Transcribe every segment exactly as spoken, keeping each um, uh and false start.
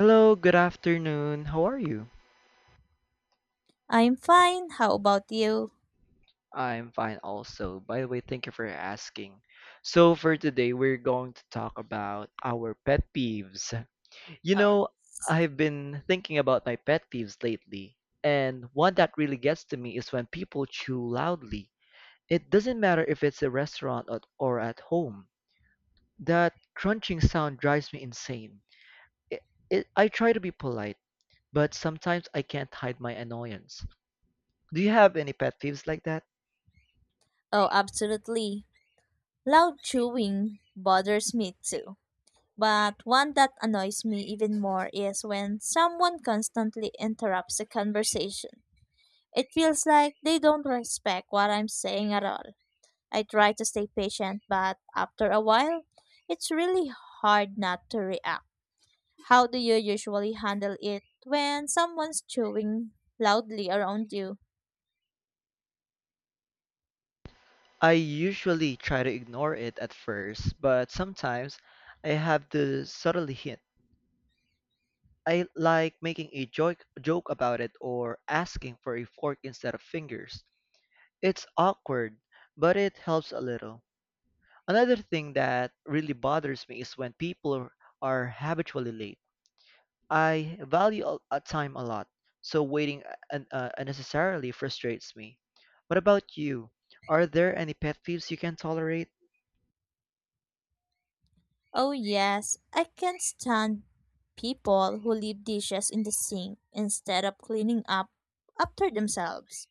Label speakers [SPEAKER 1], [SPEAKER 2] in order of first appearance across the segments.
[SPEAKER 1] Hello, good afternoon. How are you?
[SPEAKER 2] I'm fine. How about you?
[SPEAKER 1] I'm fine also. By the way, thank you for asking. So for today, we're going to talk about our pet peeves. You
[SPEAKER 2] Oh,
[SPEAKER 1] know,
[SPEAKER 2] it's-
[SPEAKER 1] I've been thinking about my pet peeves lately, and one that really gets to me is when people chew loudly. It doesn't matter if it's a restaurant or, or at home. That crunching sound drives me insane. It, it, I try to be polite, but sometimes I can't hide my annoyance. Do you have any pet peeves like that?
[SPEAKER 2] oh, absolutely. Loud chewing bothers me too. But one that annoys me even more is when someone constantly interrupts a conversation. It feels like they don't respect what I'm saying at all. I try to stay patient, but after a while, it's really hard not to react. How do you usually handle it when someone's chewing loudly around you?
[SPEAKER 1] I usually try to ignore it at first, but sometimes I have to subtly hint. I like making a joke, joke about it or asking for a fork instead of fingers. It's awkward, but it helps a little. Another thing that really bothers me is when people are habitually late. I value a a time a lot, so waiting uh, un- uh, unnecessarily frustrates me. What about you? Are there any pet peeves you can tolerate?
[SPEAKER 2] Oh, yes, I can't stand people who leave dishes in the sink instead of cleaning up after themselves.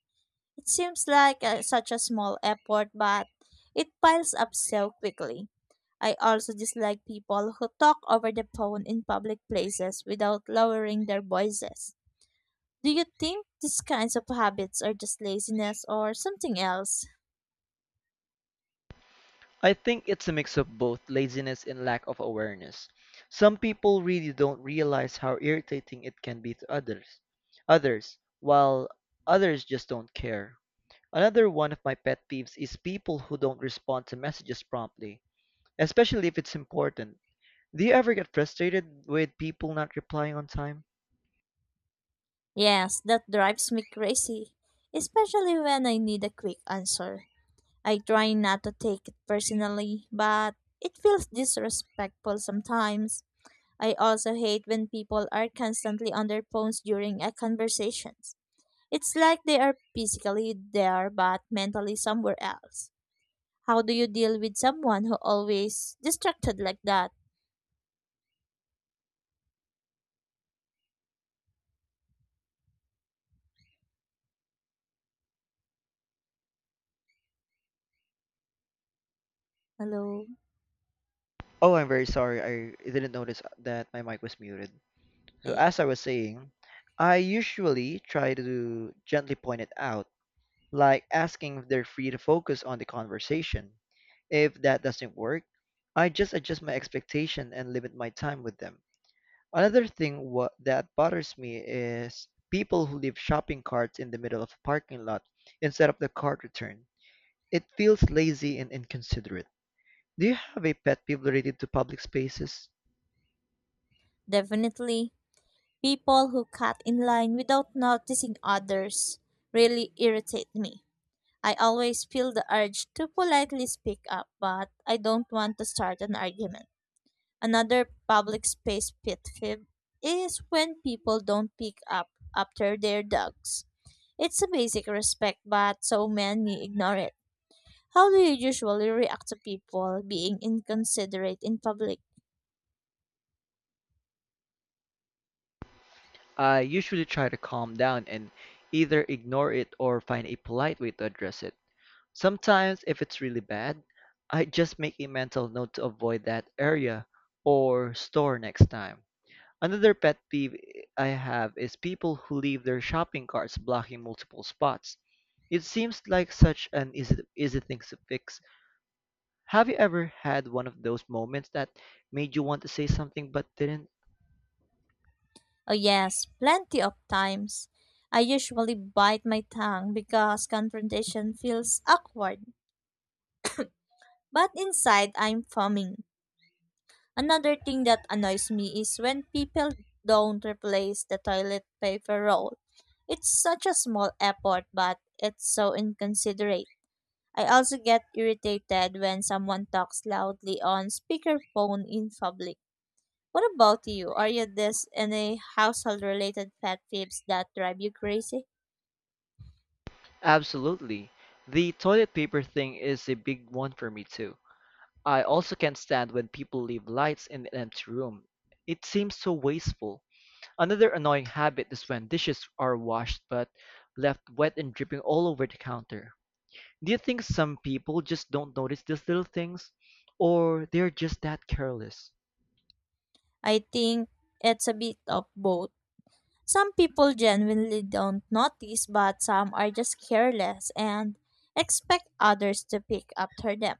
[SPEAKER 2] It seems like uh, such a small effort, but it piles up so quickly. I also dislike people who talk over the phone in public places without lowering their voices. Do you think these kinds of habits are just laziness or something else?
[SPEAKER 1] I think it's a mix of both laziness and lack of awareness. Some people really don't realize how irritating it can be to others. Others, while Others just don't care. Another one of my pet peeves is people who don't respond to messages promptly, especially if it's important. Do you ever get frustrated with people not replying on time?
[SPEAKER 2] Yes, that drives me crazy, especially when I need a quick answer. I try not to take it personally, but it feels disrespectful sometimes. I also hate when people are constantly on their phones during a conversation. It's like they are physically there but mentally somewhere else. How do you deal with someone who always distracted like that? Hello?
[SPEAKER 1] Oh, I'm very sorry. I didn't notice that my mic was muted. So
[SPEAKER 2] Yeah,
[SPEAKER 1] as I was saying, I usually try to gently point it out, like asking if they're free to focus on the conversation. If that doesn't work, I just adjust my expectation and limit my time with them. Another thing what that bothers me is people who leave shopping carts in the middle of a parking lot instead of the cart return. It feels lazy and inconsiderate. Do you have a pet peeve related to public spaces?
[SPEAKER 2] definitely. People who cut in line without noticing others really irritate me. I always feel the urge to politely speak up, but I don't want to start an argument. Another public space pet peeve is when people don't pick up after their dogs. It's a basic respect, but so many ignore it. How do you usually react to people being inconsiderate in public?
[SPEAKER 1] I usually try to calm down and either ignore it or find a polite way to address it. Sometimes, if it's really bad, I just make a mental note to avoid that area or store next time. Another pet peeve I have is people who leave their shopping carts blocking multiple spots. It seems like such an easy, easy thing to fix. Have you ever had one of those moments that made you want to say something but didn't?
[SPEAKER 2] Oh, yes, plenty of times. I usually bite my tongue because confrontation feels awkward. But inside, I'm foaming. Another thing that annoys me is when people don't replace the toilet paper roll. It's such a small effort, but it's so inconsiderate. I also get irritated when someone talks loudly on speakerphone in public. What about you? Are you this any household related pet peeves that drive you crazy?
[SPEAKER 1] Absolutely. The toilet paper thing is a big one for me too. I also can't stand when people leave lights in an empty room. It seems so wasteful. Another annoying habit is when dishes are washed but left wet and dripping all over the counter. Do you think some people just don't notice these little things? Or they're just that careless?
[SPEAKER 2] I think it's a bit of both. Some people genuinely don't notice, but some are just careless and expect others to pick up for them.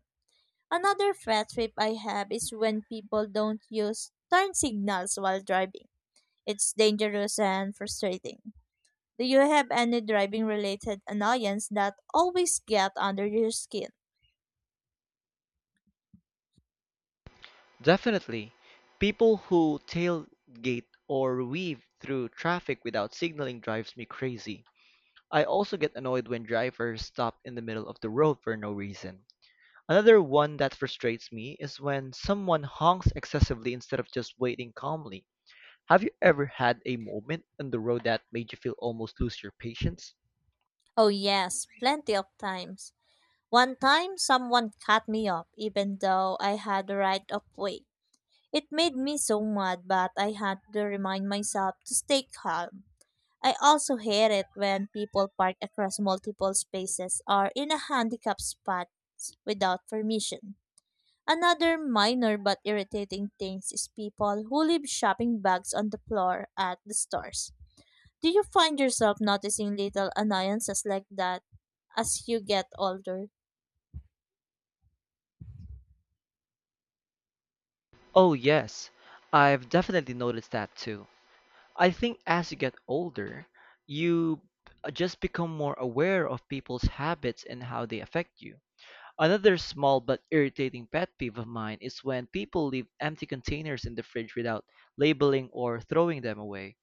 [SPEAKER 2] Another fat trip I have is when people don't use turn signals while driving. It's dangerous and frustrating. Do you have any driving related annoyance that always get under your skin?
[SPEAKER 1] Definitely. People who tailgate or weave through traffic without signaling drives me crazy. I also get annoyed when drivers stop in the middle of the road for no reason. Another one that frustrates me is when someone honks excessively instead of just waiting calmly. Have you ever had a moment on the road that made you feel almost lose your patience?
[SPEAKER 2] Oh, yes, plenty of times. One time, someone cut me off, even though I had the right of way. It made me so mad, but I had to remind myself to stay calm. I also hate it when people park across multiple spaces or in a handicapped spot without permission. Another minor but irritating thing is people who leave shopping bags on the floor at the stores. Do you find yourself noticing little annoyances like that as you get older?
[SPEAKER 1] Oh, yes. I've definitely noticed that too. I think as you get older, you uh, just become more aware of people's habits and how they affect you. Another small but irritating pet peeve of mine is when people leave empty containers in the fridge without labeling or throwing them away.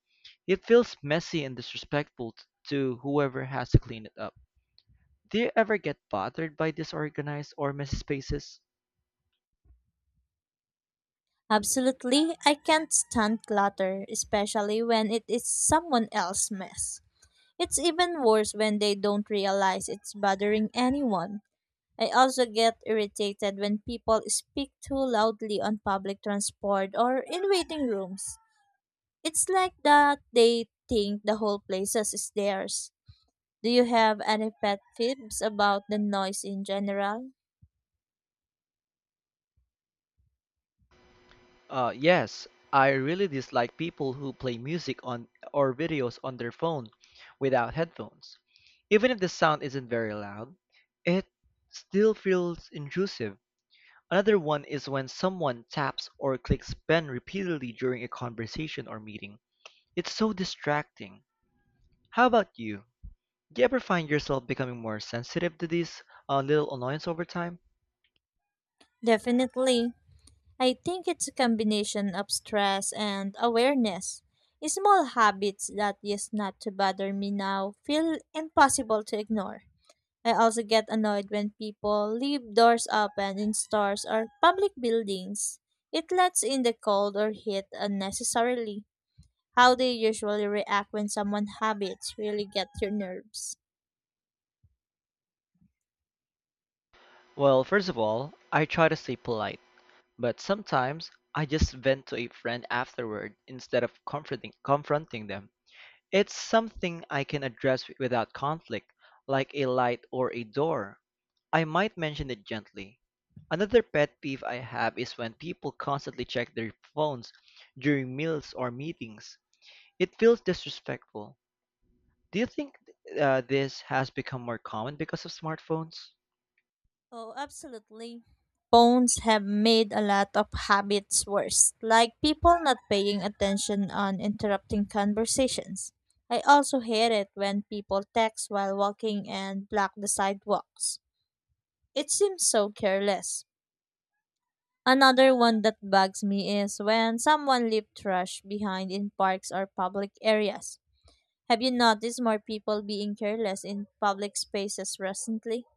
[SPEAKER 1] It feels messy and disrespectful t- to whoever has to clean it up. Do you ever get bothered by disorganized or messy spaces?
[SPEAKER 2] Absolutely, I can't stand clutter, especially when it is someone else's mess. It's even worse when they don't realize it's bothering anyone. I also get irritated when people speak too loudly on public transport or in waiting rooms. It's like that they think the whole place is theirs. Do you have any pet peeves about the noise in general?
[SPEAKER 1] Uh, yes, I really dislike people who play music on or videos on their phone without headphones. Even if the sound isn't very loud, it still feels intrusive. Another one is when someone taps or clicks pen repeatedly during a conversation or meeting. It's so distracting. How about you? Do you ever find yourself becoming more sensitive to these uh, little annoyances over time?
[SPEAKER 2] Definitely. I think it's a combination of stress and awareness. Small habits that used not to bother me now feel impossible to ignore. I also get annoyed when people leave doors open in stores or public buildings. It lets in the cold or heat unnecessarily. How they usually react when someone's habits really get your nerves.
[SPEAKER 1] Well, first of all, I try to stay polite, but sometimes I just vent to a friend afterward instead of comforting, confronting them. It's something I can address without conflict, like a light or a door. I might mention it gently. Another pet peeve I have is when people constantly check their phones during meals or meetings. It feels disrespectful. Do you think uh, this has become more common because of smartphones?
[SPEAKER 2] Oh, absolutely. Phones have made a lot of habits worse, like people not paying attention on interrupting conversations. I also hate it when people text while walking and block the sidewalks. It seems so careless. Another one that bugs me is when someone leaves trash behind in parks or public areas. Have you noticed more people being careless in public spaces recently?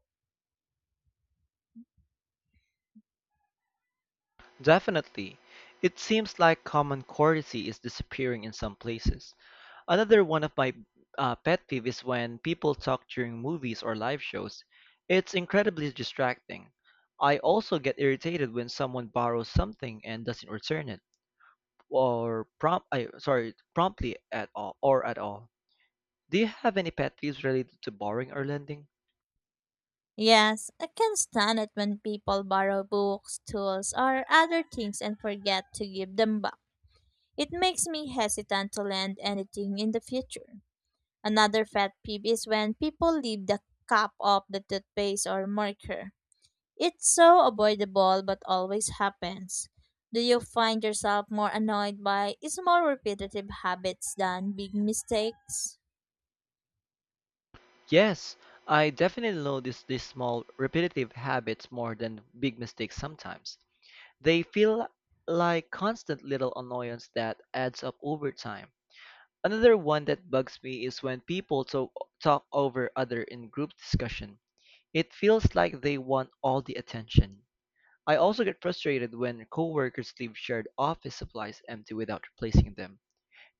[SPEAKER 1] Definitely. It seems like common courtesy is disappearing in some places. Another one of my uh, pet peeve is when people talk during movies or live shows. It's incredibly distracting. I also get irritated when someone borrows something and doesn't return it or prompt I sorry promptly at all or at all. Do you have any pet peeves related to borrowing or lending?
[SPEAKER 2] Yes, I can stand it when people borrow books, tools, or other things and forget to give them back. It makes me hesitant to lend anything in the future. Another pet peeve is when people leave the cap of the toothpaste or marker. It's so avoidable but always happens. Do you find yourself more annoyed by small repetitive habits than big mistakes?
[SPEAKER 1] Yes, I definitely notice these small repetitive habits more than big mistakes sometimes. They feel like constant little annoyance that adds up over time. Another one that bugs me is when people to- talk over other in group discussion. It feels like they want all the attention. I also get frustrated when coworkers leave shared office supplies empty without replacing them.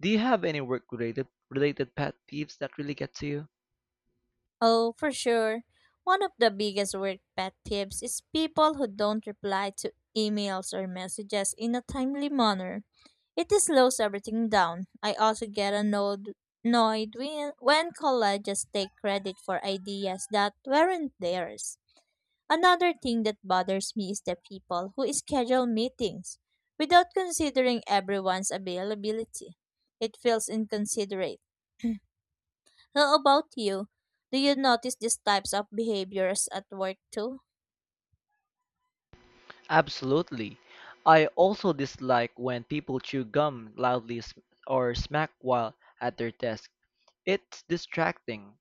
[SPEAKER 1] Do you have any work-related related pet peeves that really get to you?
[SPEAKER 2] Oh, for sure. One of the biggest work pet tips is people who don't reply to emails or messages in a timely manner. It slows everything down. I also get annoyed, annoyed when, when colleges take credit for ideas that weren't theirs. Another thing that bothers me is the people who schedule meetings without considering everyone's availability. It feels inconsiderate. How about you? Do you notice these types of behaviors at work too?
[SPEAKER 1] Absolutely. I also dislike when people chew gum loudly sm- or smack while at their desk. It's distracting.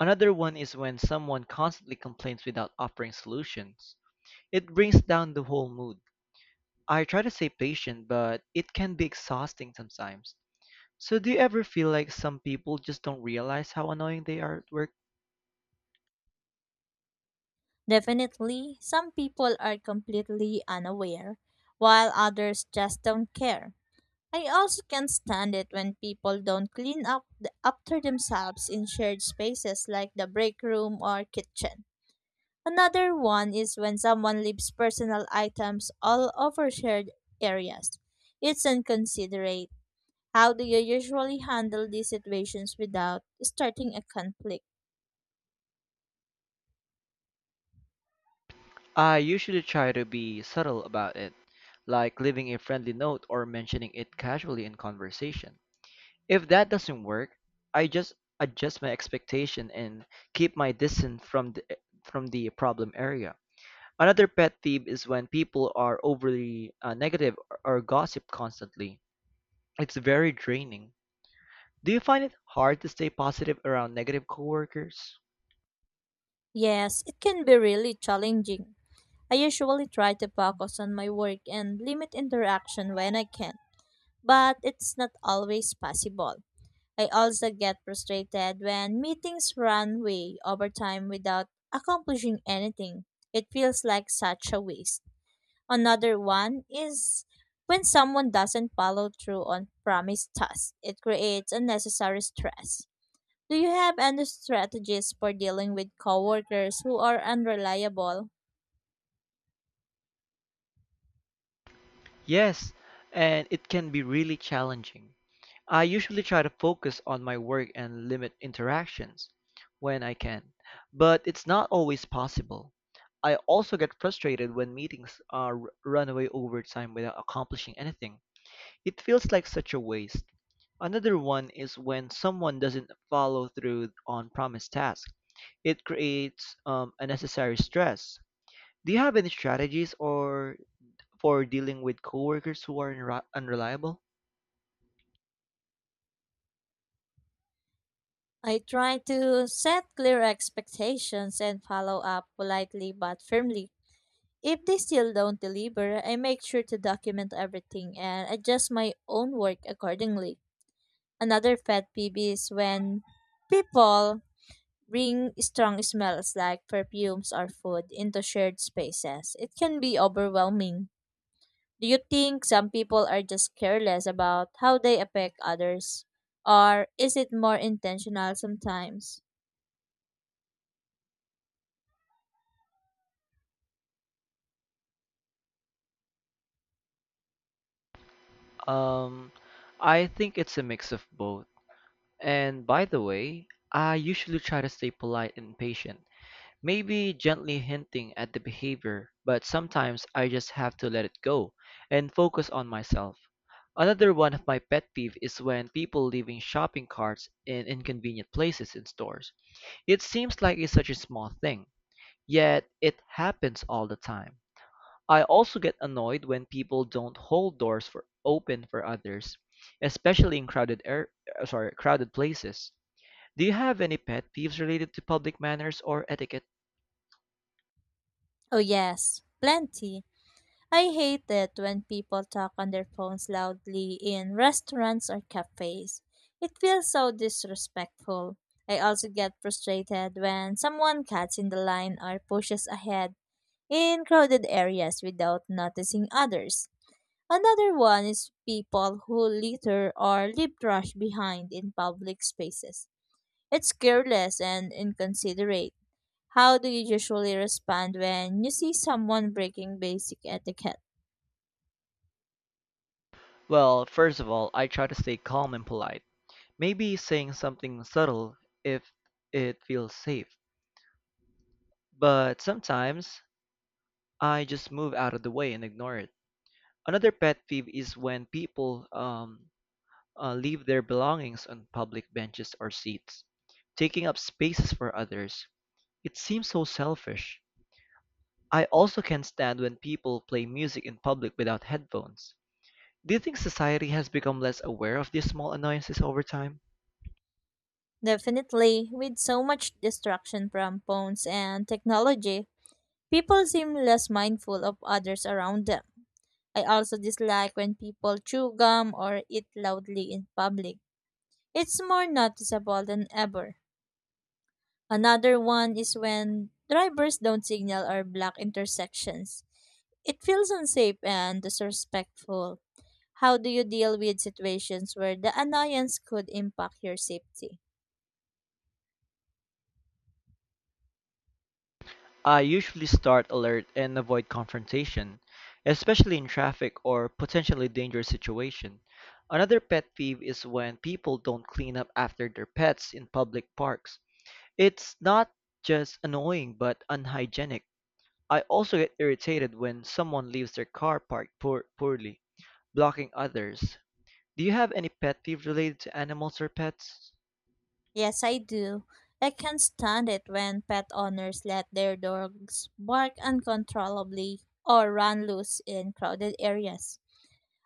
[SPEAKER 1] Another one is when someone constantly complains without offering solutions. It brings down the whole mood. I try to stay patient, but it can be exhausting sometimes. So do you ever feel like some people just don't realize how annoying they are at work?
[SPEAKER 2] Definitely, some people are completely unaware, while others just don't care. I also can't stand it when people don't clean up the, after themselves in shared spaces like the break room or kitchen. Another one is when someone leaves personal items all over shared areas. It's inconsiderate. How do you usually handle these situations without starting a conflict?
[SPEAKER 1] I usually try to be subtle about it, like leaving a friendly note or mentioning it casually in conversation. If that doesn't work, I just adjust my expectation and keep my distance from the from the problem area. Another pet peeve is when people are overly uh, negative or or gossip constantly. It's very draining. Do you find it hard to stay positive around negative coworkers?
[SPEAKER 2] Yes, it can be really challenging. I usually try to focus on my work and limit interaction when I can, but it's not always possible. I also get frustrated when meetings run way over time without accomplishing anything. It feels like such a waste. Another one is when someone doesn't follow through on promised tasks, it creates unnecessary stress. Do you have any strategies for dealing with coworkers who are unreliable?
[SPEAKER 1] Yes, and it can be really challenging. I usually try to focus on my work and limit interactions when I can, but it's not always possible. I also get frustrated when meetings are r- run away over time without accomplishing anything. It feels like such a waste. Another one is when someone doesn't follow through on promised tasks. It creates um, unnecessary stress. Do you have any strategies or for dealing with coworkers who are unre- unreliable?
[SPEAKER 2] I try to set clear expectations and follow up politely but firmly. If they still don't deliver, I make sure to document everything and adjust my own work accordingly. Another pet peeve is when people bring strong smells like perfumes or food into shared spaces. It can be overwhelming. Do you think some people are just careless about how they affect others? Or is it more intentional sometimes?
[SPEAKER 1] Um, I think it's a mix of both. And by the way, I usually try to stay polite and patient, maybe gently hinting at the behavior, but sometimes I just have to let it go and focus on myself. Another one of my pet peeve is when people leaving shopping carts in inconvenient places in stores. It seems like it's such a small thing, yet it happens all the time. I also get annoyed when people don't hold doors for open for others, especially in crowded air, uh, sorry, crowded places. Do you have any pet peeves related to public manners or etiquette?
[SPEAKER 2] Oh, yes, plenty. I hate it when people talk on their phones loudly in restaurants or cafes. It feels so disrespectful. I also get frustrated when someone cuts in the line or pushes ahead in crowded areas without noticing others. Another one is people who litter or leave trash behind in public spaces. It's careless and inconsiderate. How do you usually respond when you see someone breaking basic etiquette?
[SPEAKER 1] Well, first of all, I try to stay calm and polite. Maybe saying something subtle if it feels safe. But sometimes I just move out of the way and ignore it. Another pet peeve is when people um, uh, leave their belongings on public benches or seats, taking up spaces for others. It seems so selfish. I also can't stand when people play music in public without headphones. Do you think society has become less aware of these small annoyances over time?
[SPEAKER 2] Definitely, with so much distraction from phones and technology, people seem less mindful of others around them. I also dislike when people chew gum or eat loudly in public. It's more noticeable than ever. Another one is when drivers don't signal or block intersections. It feels unsafe and disrespectful. How do you deal with situations where the annoyance could impact your safety?
[SPEAKER 1] I usually start alert and avoid confrontation, especially in traffic or potentially dangerous situation. Another pet peeve is when people don't clean up after their pets in public parks. It's not just annoying but unhygienic. I also get irritated when someone leaves their car parked poor- poorly, blocking others. Do you have any pet peeve related to animals or pets?
[SPEAKER 2] Yes, I do. I can't stand it when pet owners let their dogs bark uncontrollably or run loose in crowded areas.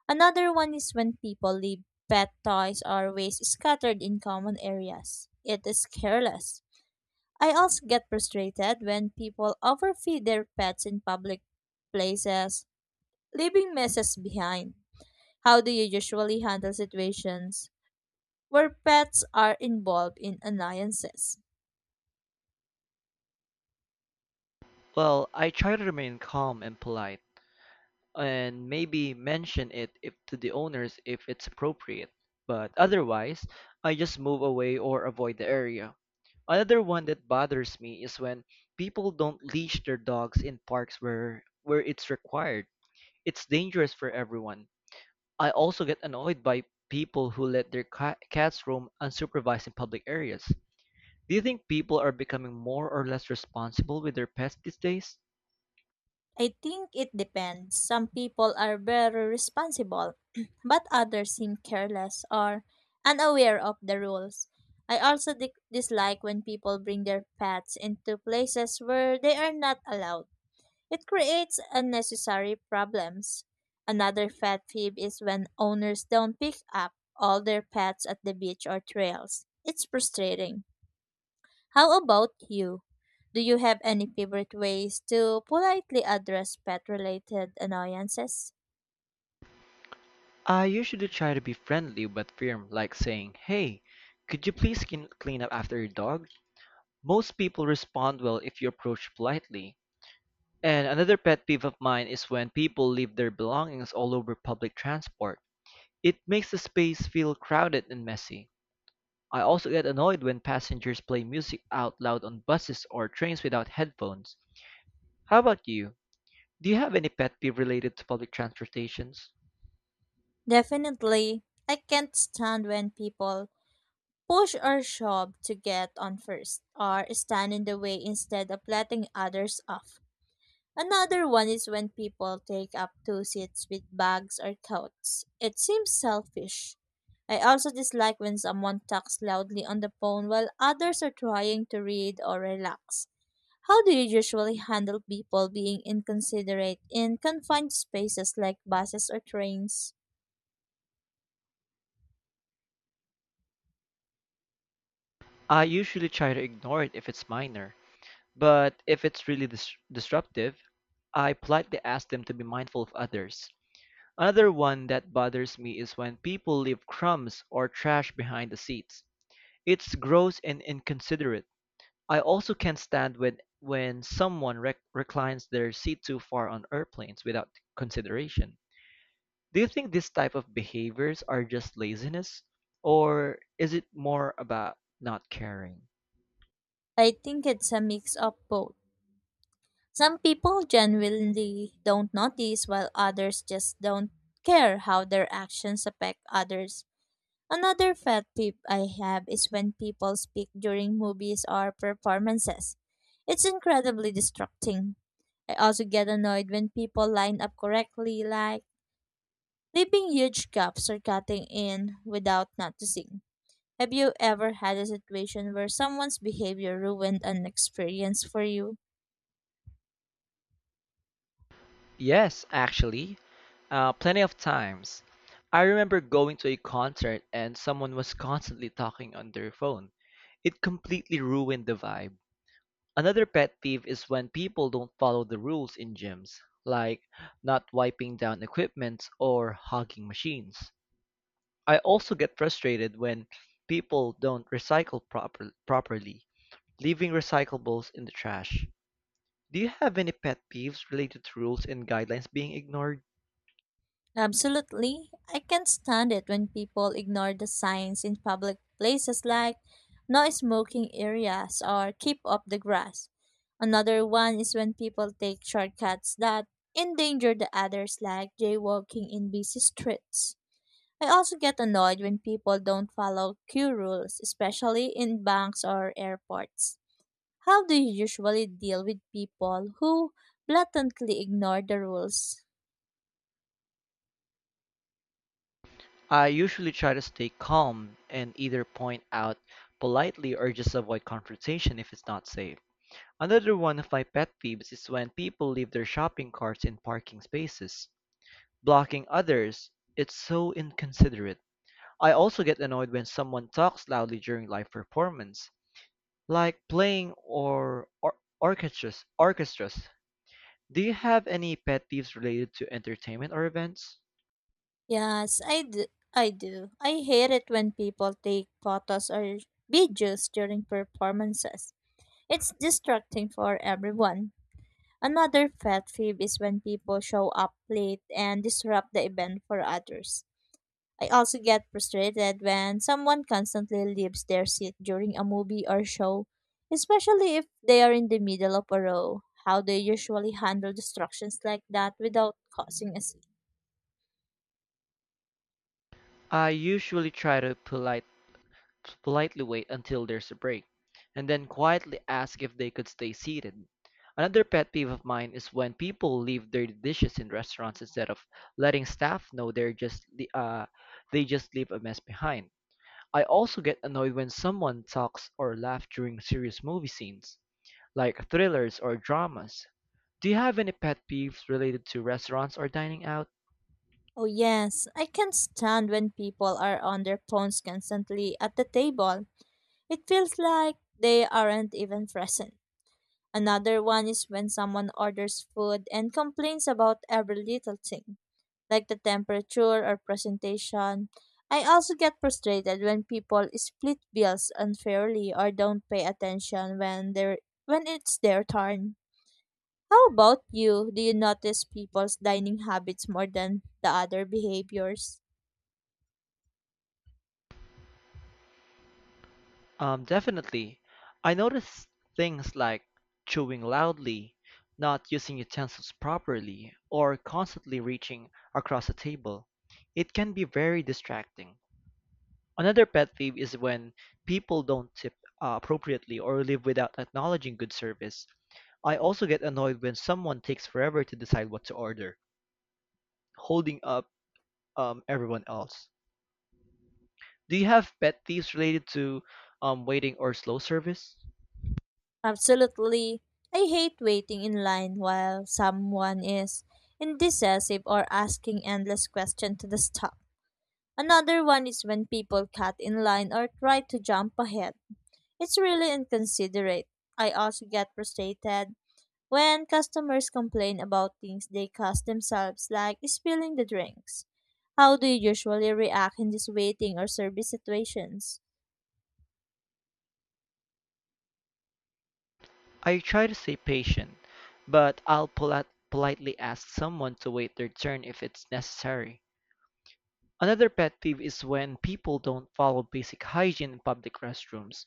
[SPEAKER 2] Another one is when people leave pet toys or waste scattered in common areas. It is careless. I also get frustrated when people overfeed their pets in public places, leaving messes behind. How do you usually handle situations where pets are involved in annoyances?
[SPEAKER 1] Well, I try to remain calm and polite and maybe mention it if to the owners if it's appropriate. But otherwise, I just move away or avoid the area. Another one that bothers me is when people don't leash their dogs in parks where where it's required. It's dangerous for everyone. I also get annoyed by people who let their ca- cats roam unsupervised in public areas. Do you think people are becoming more or less responsible with their pets these days?
[SPEAKER 2] I think it depends. Some people are very responsible, but others seem careless or unaware of the rules. I also di- dislike when people bring their pets into places where they are not allowed. It creates unnecessary problems. Another pet peeve is when owners don't pick up all their pets at the beach or trails. It's frustrating. How about you? Do you have any favorite ways to politely address pet related annoyances?
[SPEAKER 1] I usually try to be friendly but firm, like saying, "Hey, could you please clean clean up after your dog?" Most people respond well if you approach politely. And another pet peeve of mine is when people leave their belongings all over public transport. It makes the space feel crowded and messy. I also get annoyed when passengers play music out loud on buses or trains without headphones. How about you? Do you have any pet peeve related to public transportations?
[SPEAKER 2] Definitely. I can't stand when people push or shove to get on first or stand in the way instead of letting others off. Another one is when people take up two seats with bags or coats. It seems selfish. I also dislike when someone talks loudly on the phone while others are trying to read or relax. How do you usually handle people being inconsiderate in confined spaces like buses or trains?
[SPEAKER 1] I usually try to ignore it if it's minor. But if it's really dis- disruptive, I politely ask them to be mindful of others. Another one that bothers me is when people leave crumbs or trash behind the seats. It's gross and inconsiderate. I also can't stand when when someone rec- reclines their seat too far on airplanes without consideration. Do you think this type of behaviors are just laziness or is it more about not caring?
[SPEAKER 2] I think it's a mix of both. Some people genuinely don't notice, while others just don't care how their actions affect others. Another pet peeve I have is when people speak during movies or performances. It's incredibly distracting. I also get annoyed when people line up correctly, like leaving huge gaps or cutting in without noticing. Have you ever had a situation where someone's behavior ruined an experience for you?
[SPEAKER 1] Yes, actually, Uh, plenty of times. I remember going to a concert and someone was constantly talking on their phone. It completely ruined the vibe. Another pet peeve is when people don't follow the rules in gyms, like not wiping down equipment or hogging machines. I also get frustrated when people don't recycle proper- properly, leaving recyclables in the trash. Do you have any pet peeves related to rules and guidelines being ignored?
[SPEAKER 2] Absolutely. I can't stand it when people ignore the signs in public places like no smoking areas or keep off the grass. Another one is when people take shortcuts that endanger the others like jaywalking in busy streets. I also get annoyed when people don't follow queue rules, especially in banks or airports. How do you usually deal with people who blatantly ignore the rules?
[SPEAKER 1] I usually try to stay calm and either point out politely or just avoid confrontation if it's not safe. Another one of my pet peeves is when people leave their shopping carts in parking spaces, blocking others. It's so inconsiderate. I also get annoyed when someone talks loudly during live performance, like playing or, or orchestras. Orchestras. Do you have any pet peeves related to entertainment or events?
[SPEAKER 2] Yes, I do. I do. I hate it when people take photos or videos during performances. It's distracting for everyone. Another pet peeve is when people show up late and disrupt the event for others. I also get frustrated when someone constantly leaves their seat during a movie or show, especially if they are in the middle of a row. How they usually handle distractions like that without causing a scene.
[SPEAKER 1] I usually try to politely politely wait until there's a break, and then quietly ask if they could stay seated. Another pet peeve of mine is when people leave dirty dishes in restaurants instead of letting staff know. They're just le- uh, they just leave a mess behind. I also get annoyed when someone talks or laughs during serious movie scenes, like thrillers or dramas. Do you have any pet peeves related to restaurants or dining out?
[SPEAKER 2] Oh, yes, I can't stand when people are on their phones constantly at the table. It feels like they aren't even present. Another one is when someone orders food and complains about every little thing like the temperature or presentation. I also get frustrated when people split bills unfairly or don't pay attention when they are when it's their turn. How about you? Do you notice people's dining habits more than the other behaviors?
[SPEAKER 1] Um, definitely. I noticed things like chewing loudly, not using utensils properly, or constantly reaching across the table. It can be very distracting. Another pet peeve is when people don't tip uh, appropriately or live without acknowledging good service. I also get annoyed when someone takes forever to decide what to order, holding up um, everyone else. Do you have pet peeves related to um, waiting or slow service?
[SPEAKER 2] Absolutely. I hate waiting in line while someone is indecisive or asking endless questions to the staff. Another one is when people cut in line or try to jump ahead. It's really inconsiderate. I also get frustrated when customers complain about things they caused themselves, like spilling the drinks. How do you usually react in these waiting or service situations?
[SPEAKER 1] I try to stay patient, but I'll poli- politely ask someone to wait their turn if it's necessary. Another pet peeve is when people don't follow basic hygiene in public restrooms.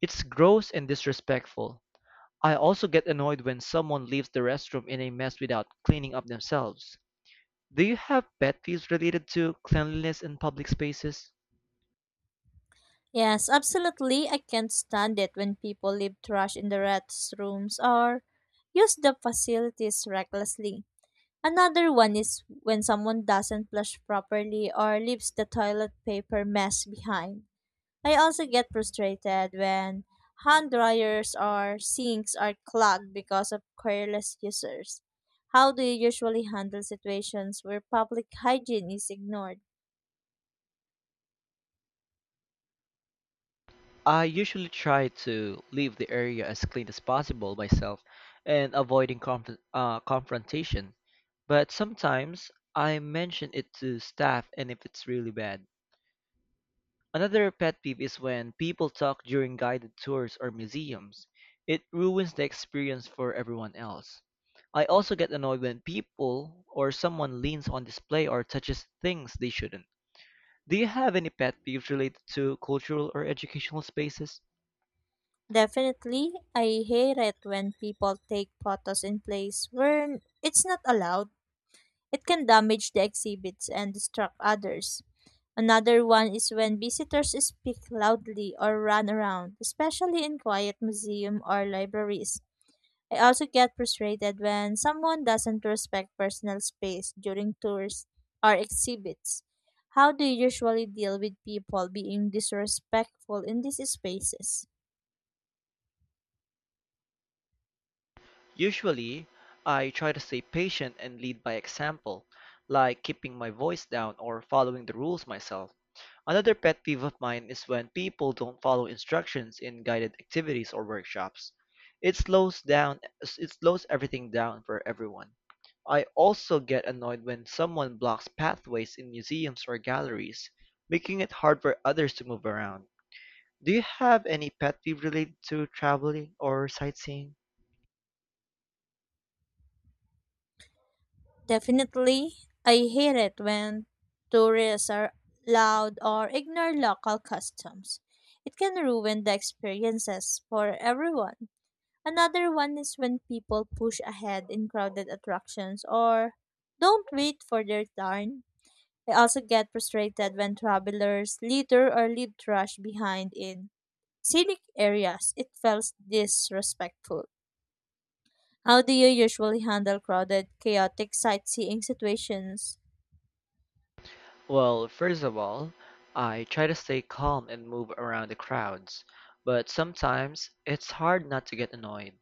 [SPEAKER 1] It's gross and disrespectful. I also get annoyed when someone leaves the restroom in a mess without cleaning up themselves. Do you have pet peeves related to cleanliness in public spaces?
[SPEAKER 2] Yes, absolutely. I can't stand it when people leave trash in the restrooms or use the facilities recklessly. Another one is when someone doesn't flush properly or leaves the toilet paper mess behind. I also get frustrated when hand dryers or sinks are clogged because of careless users. How do you usually handle situations where public hygiene is ignored?
[SPEAKER 1] I usually try to leave the area as clean as possible myself and avoiding conf- uh, confrontation. But sometimes I mention it to staff and if it's really bad. Another pet peeve is when people talk during guided tours or museums. It ruins the experience for everyone else. I also get annoyed when people or someone leans on display or touches things they shouldn't. Do you have any pet peeves related to cultural or educational spaces?
[SPEAKER 2] Definitely, I hate it when people take photos in place where it's not allowed. It can damage the exhibits and distract others. Another one is when visitors speak loudly or run around, especially in quiet museum or libraries. I also get frustrated when someone doesn't respect personal space during tours or exhibits. How do you usually deal with people being disrespectful in these spaces?
[SPEAKER 1] Usually, I try to stay patient and lead by example, like keeping my voice down or following the rules myself. Another pet peeve of mine is when people don't follow instructions in guided activities or workshops. It slows down it slows everything down for everyone. I also get annoyed when someone blocks pathways in museums or galleries, making it hard for others to move around. Do you have any pet peeve related to traveling or sightseeing?
[SPEAKER 2] Definitely, I hate it when tourists are loud or ignore local customs. It can ruin the experiences for everyone. Another one is when people push ahead in crowded attractions or don't wait for their turn. I also get frustrated when travelers litter or leave trash behind in scenic areas. It feels disrespectful. How do you usually handle crowded, chaotic sightseeing situations?
[SPEAKER 1] Well, first of all, I try to stay calm and move around the crowds, but sometimes it's hard not to get annoyed.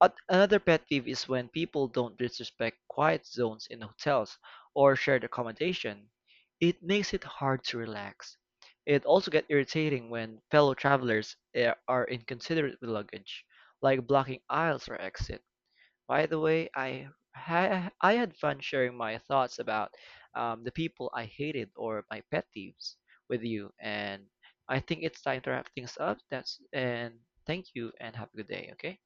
[SPEAKER 1] At Another pet peeve is when people don't disrespect quiet zones in hotels or shared accommodation. It makes it hard to relax. It also gets irritating when fellow travelers eh, are inconsiderate with luggage, like blocking aisles or exit. By the way, I ha- I had fun sharing my thoughts about um, the people I hated or my pet peeves with you, and I think it's time to wrap things up. That's and Thank you and have a good day. Okay.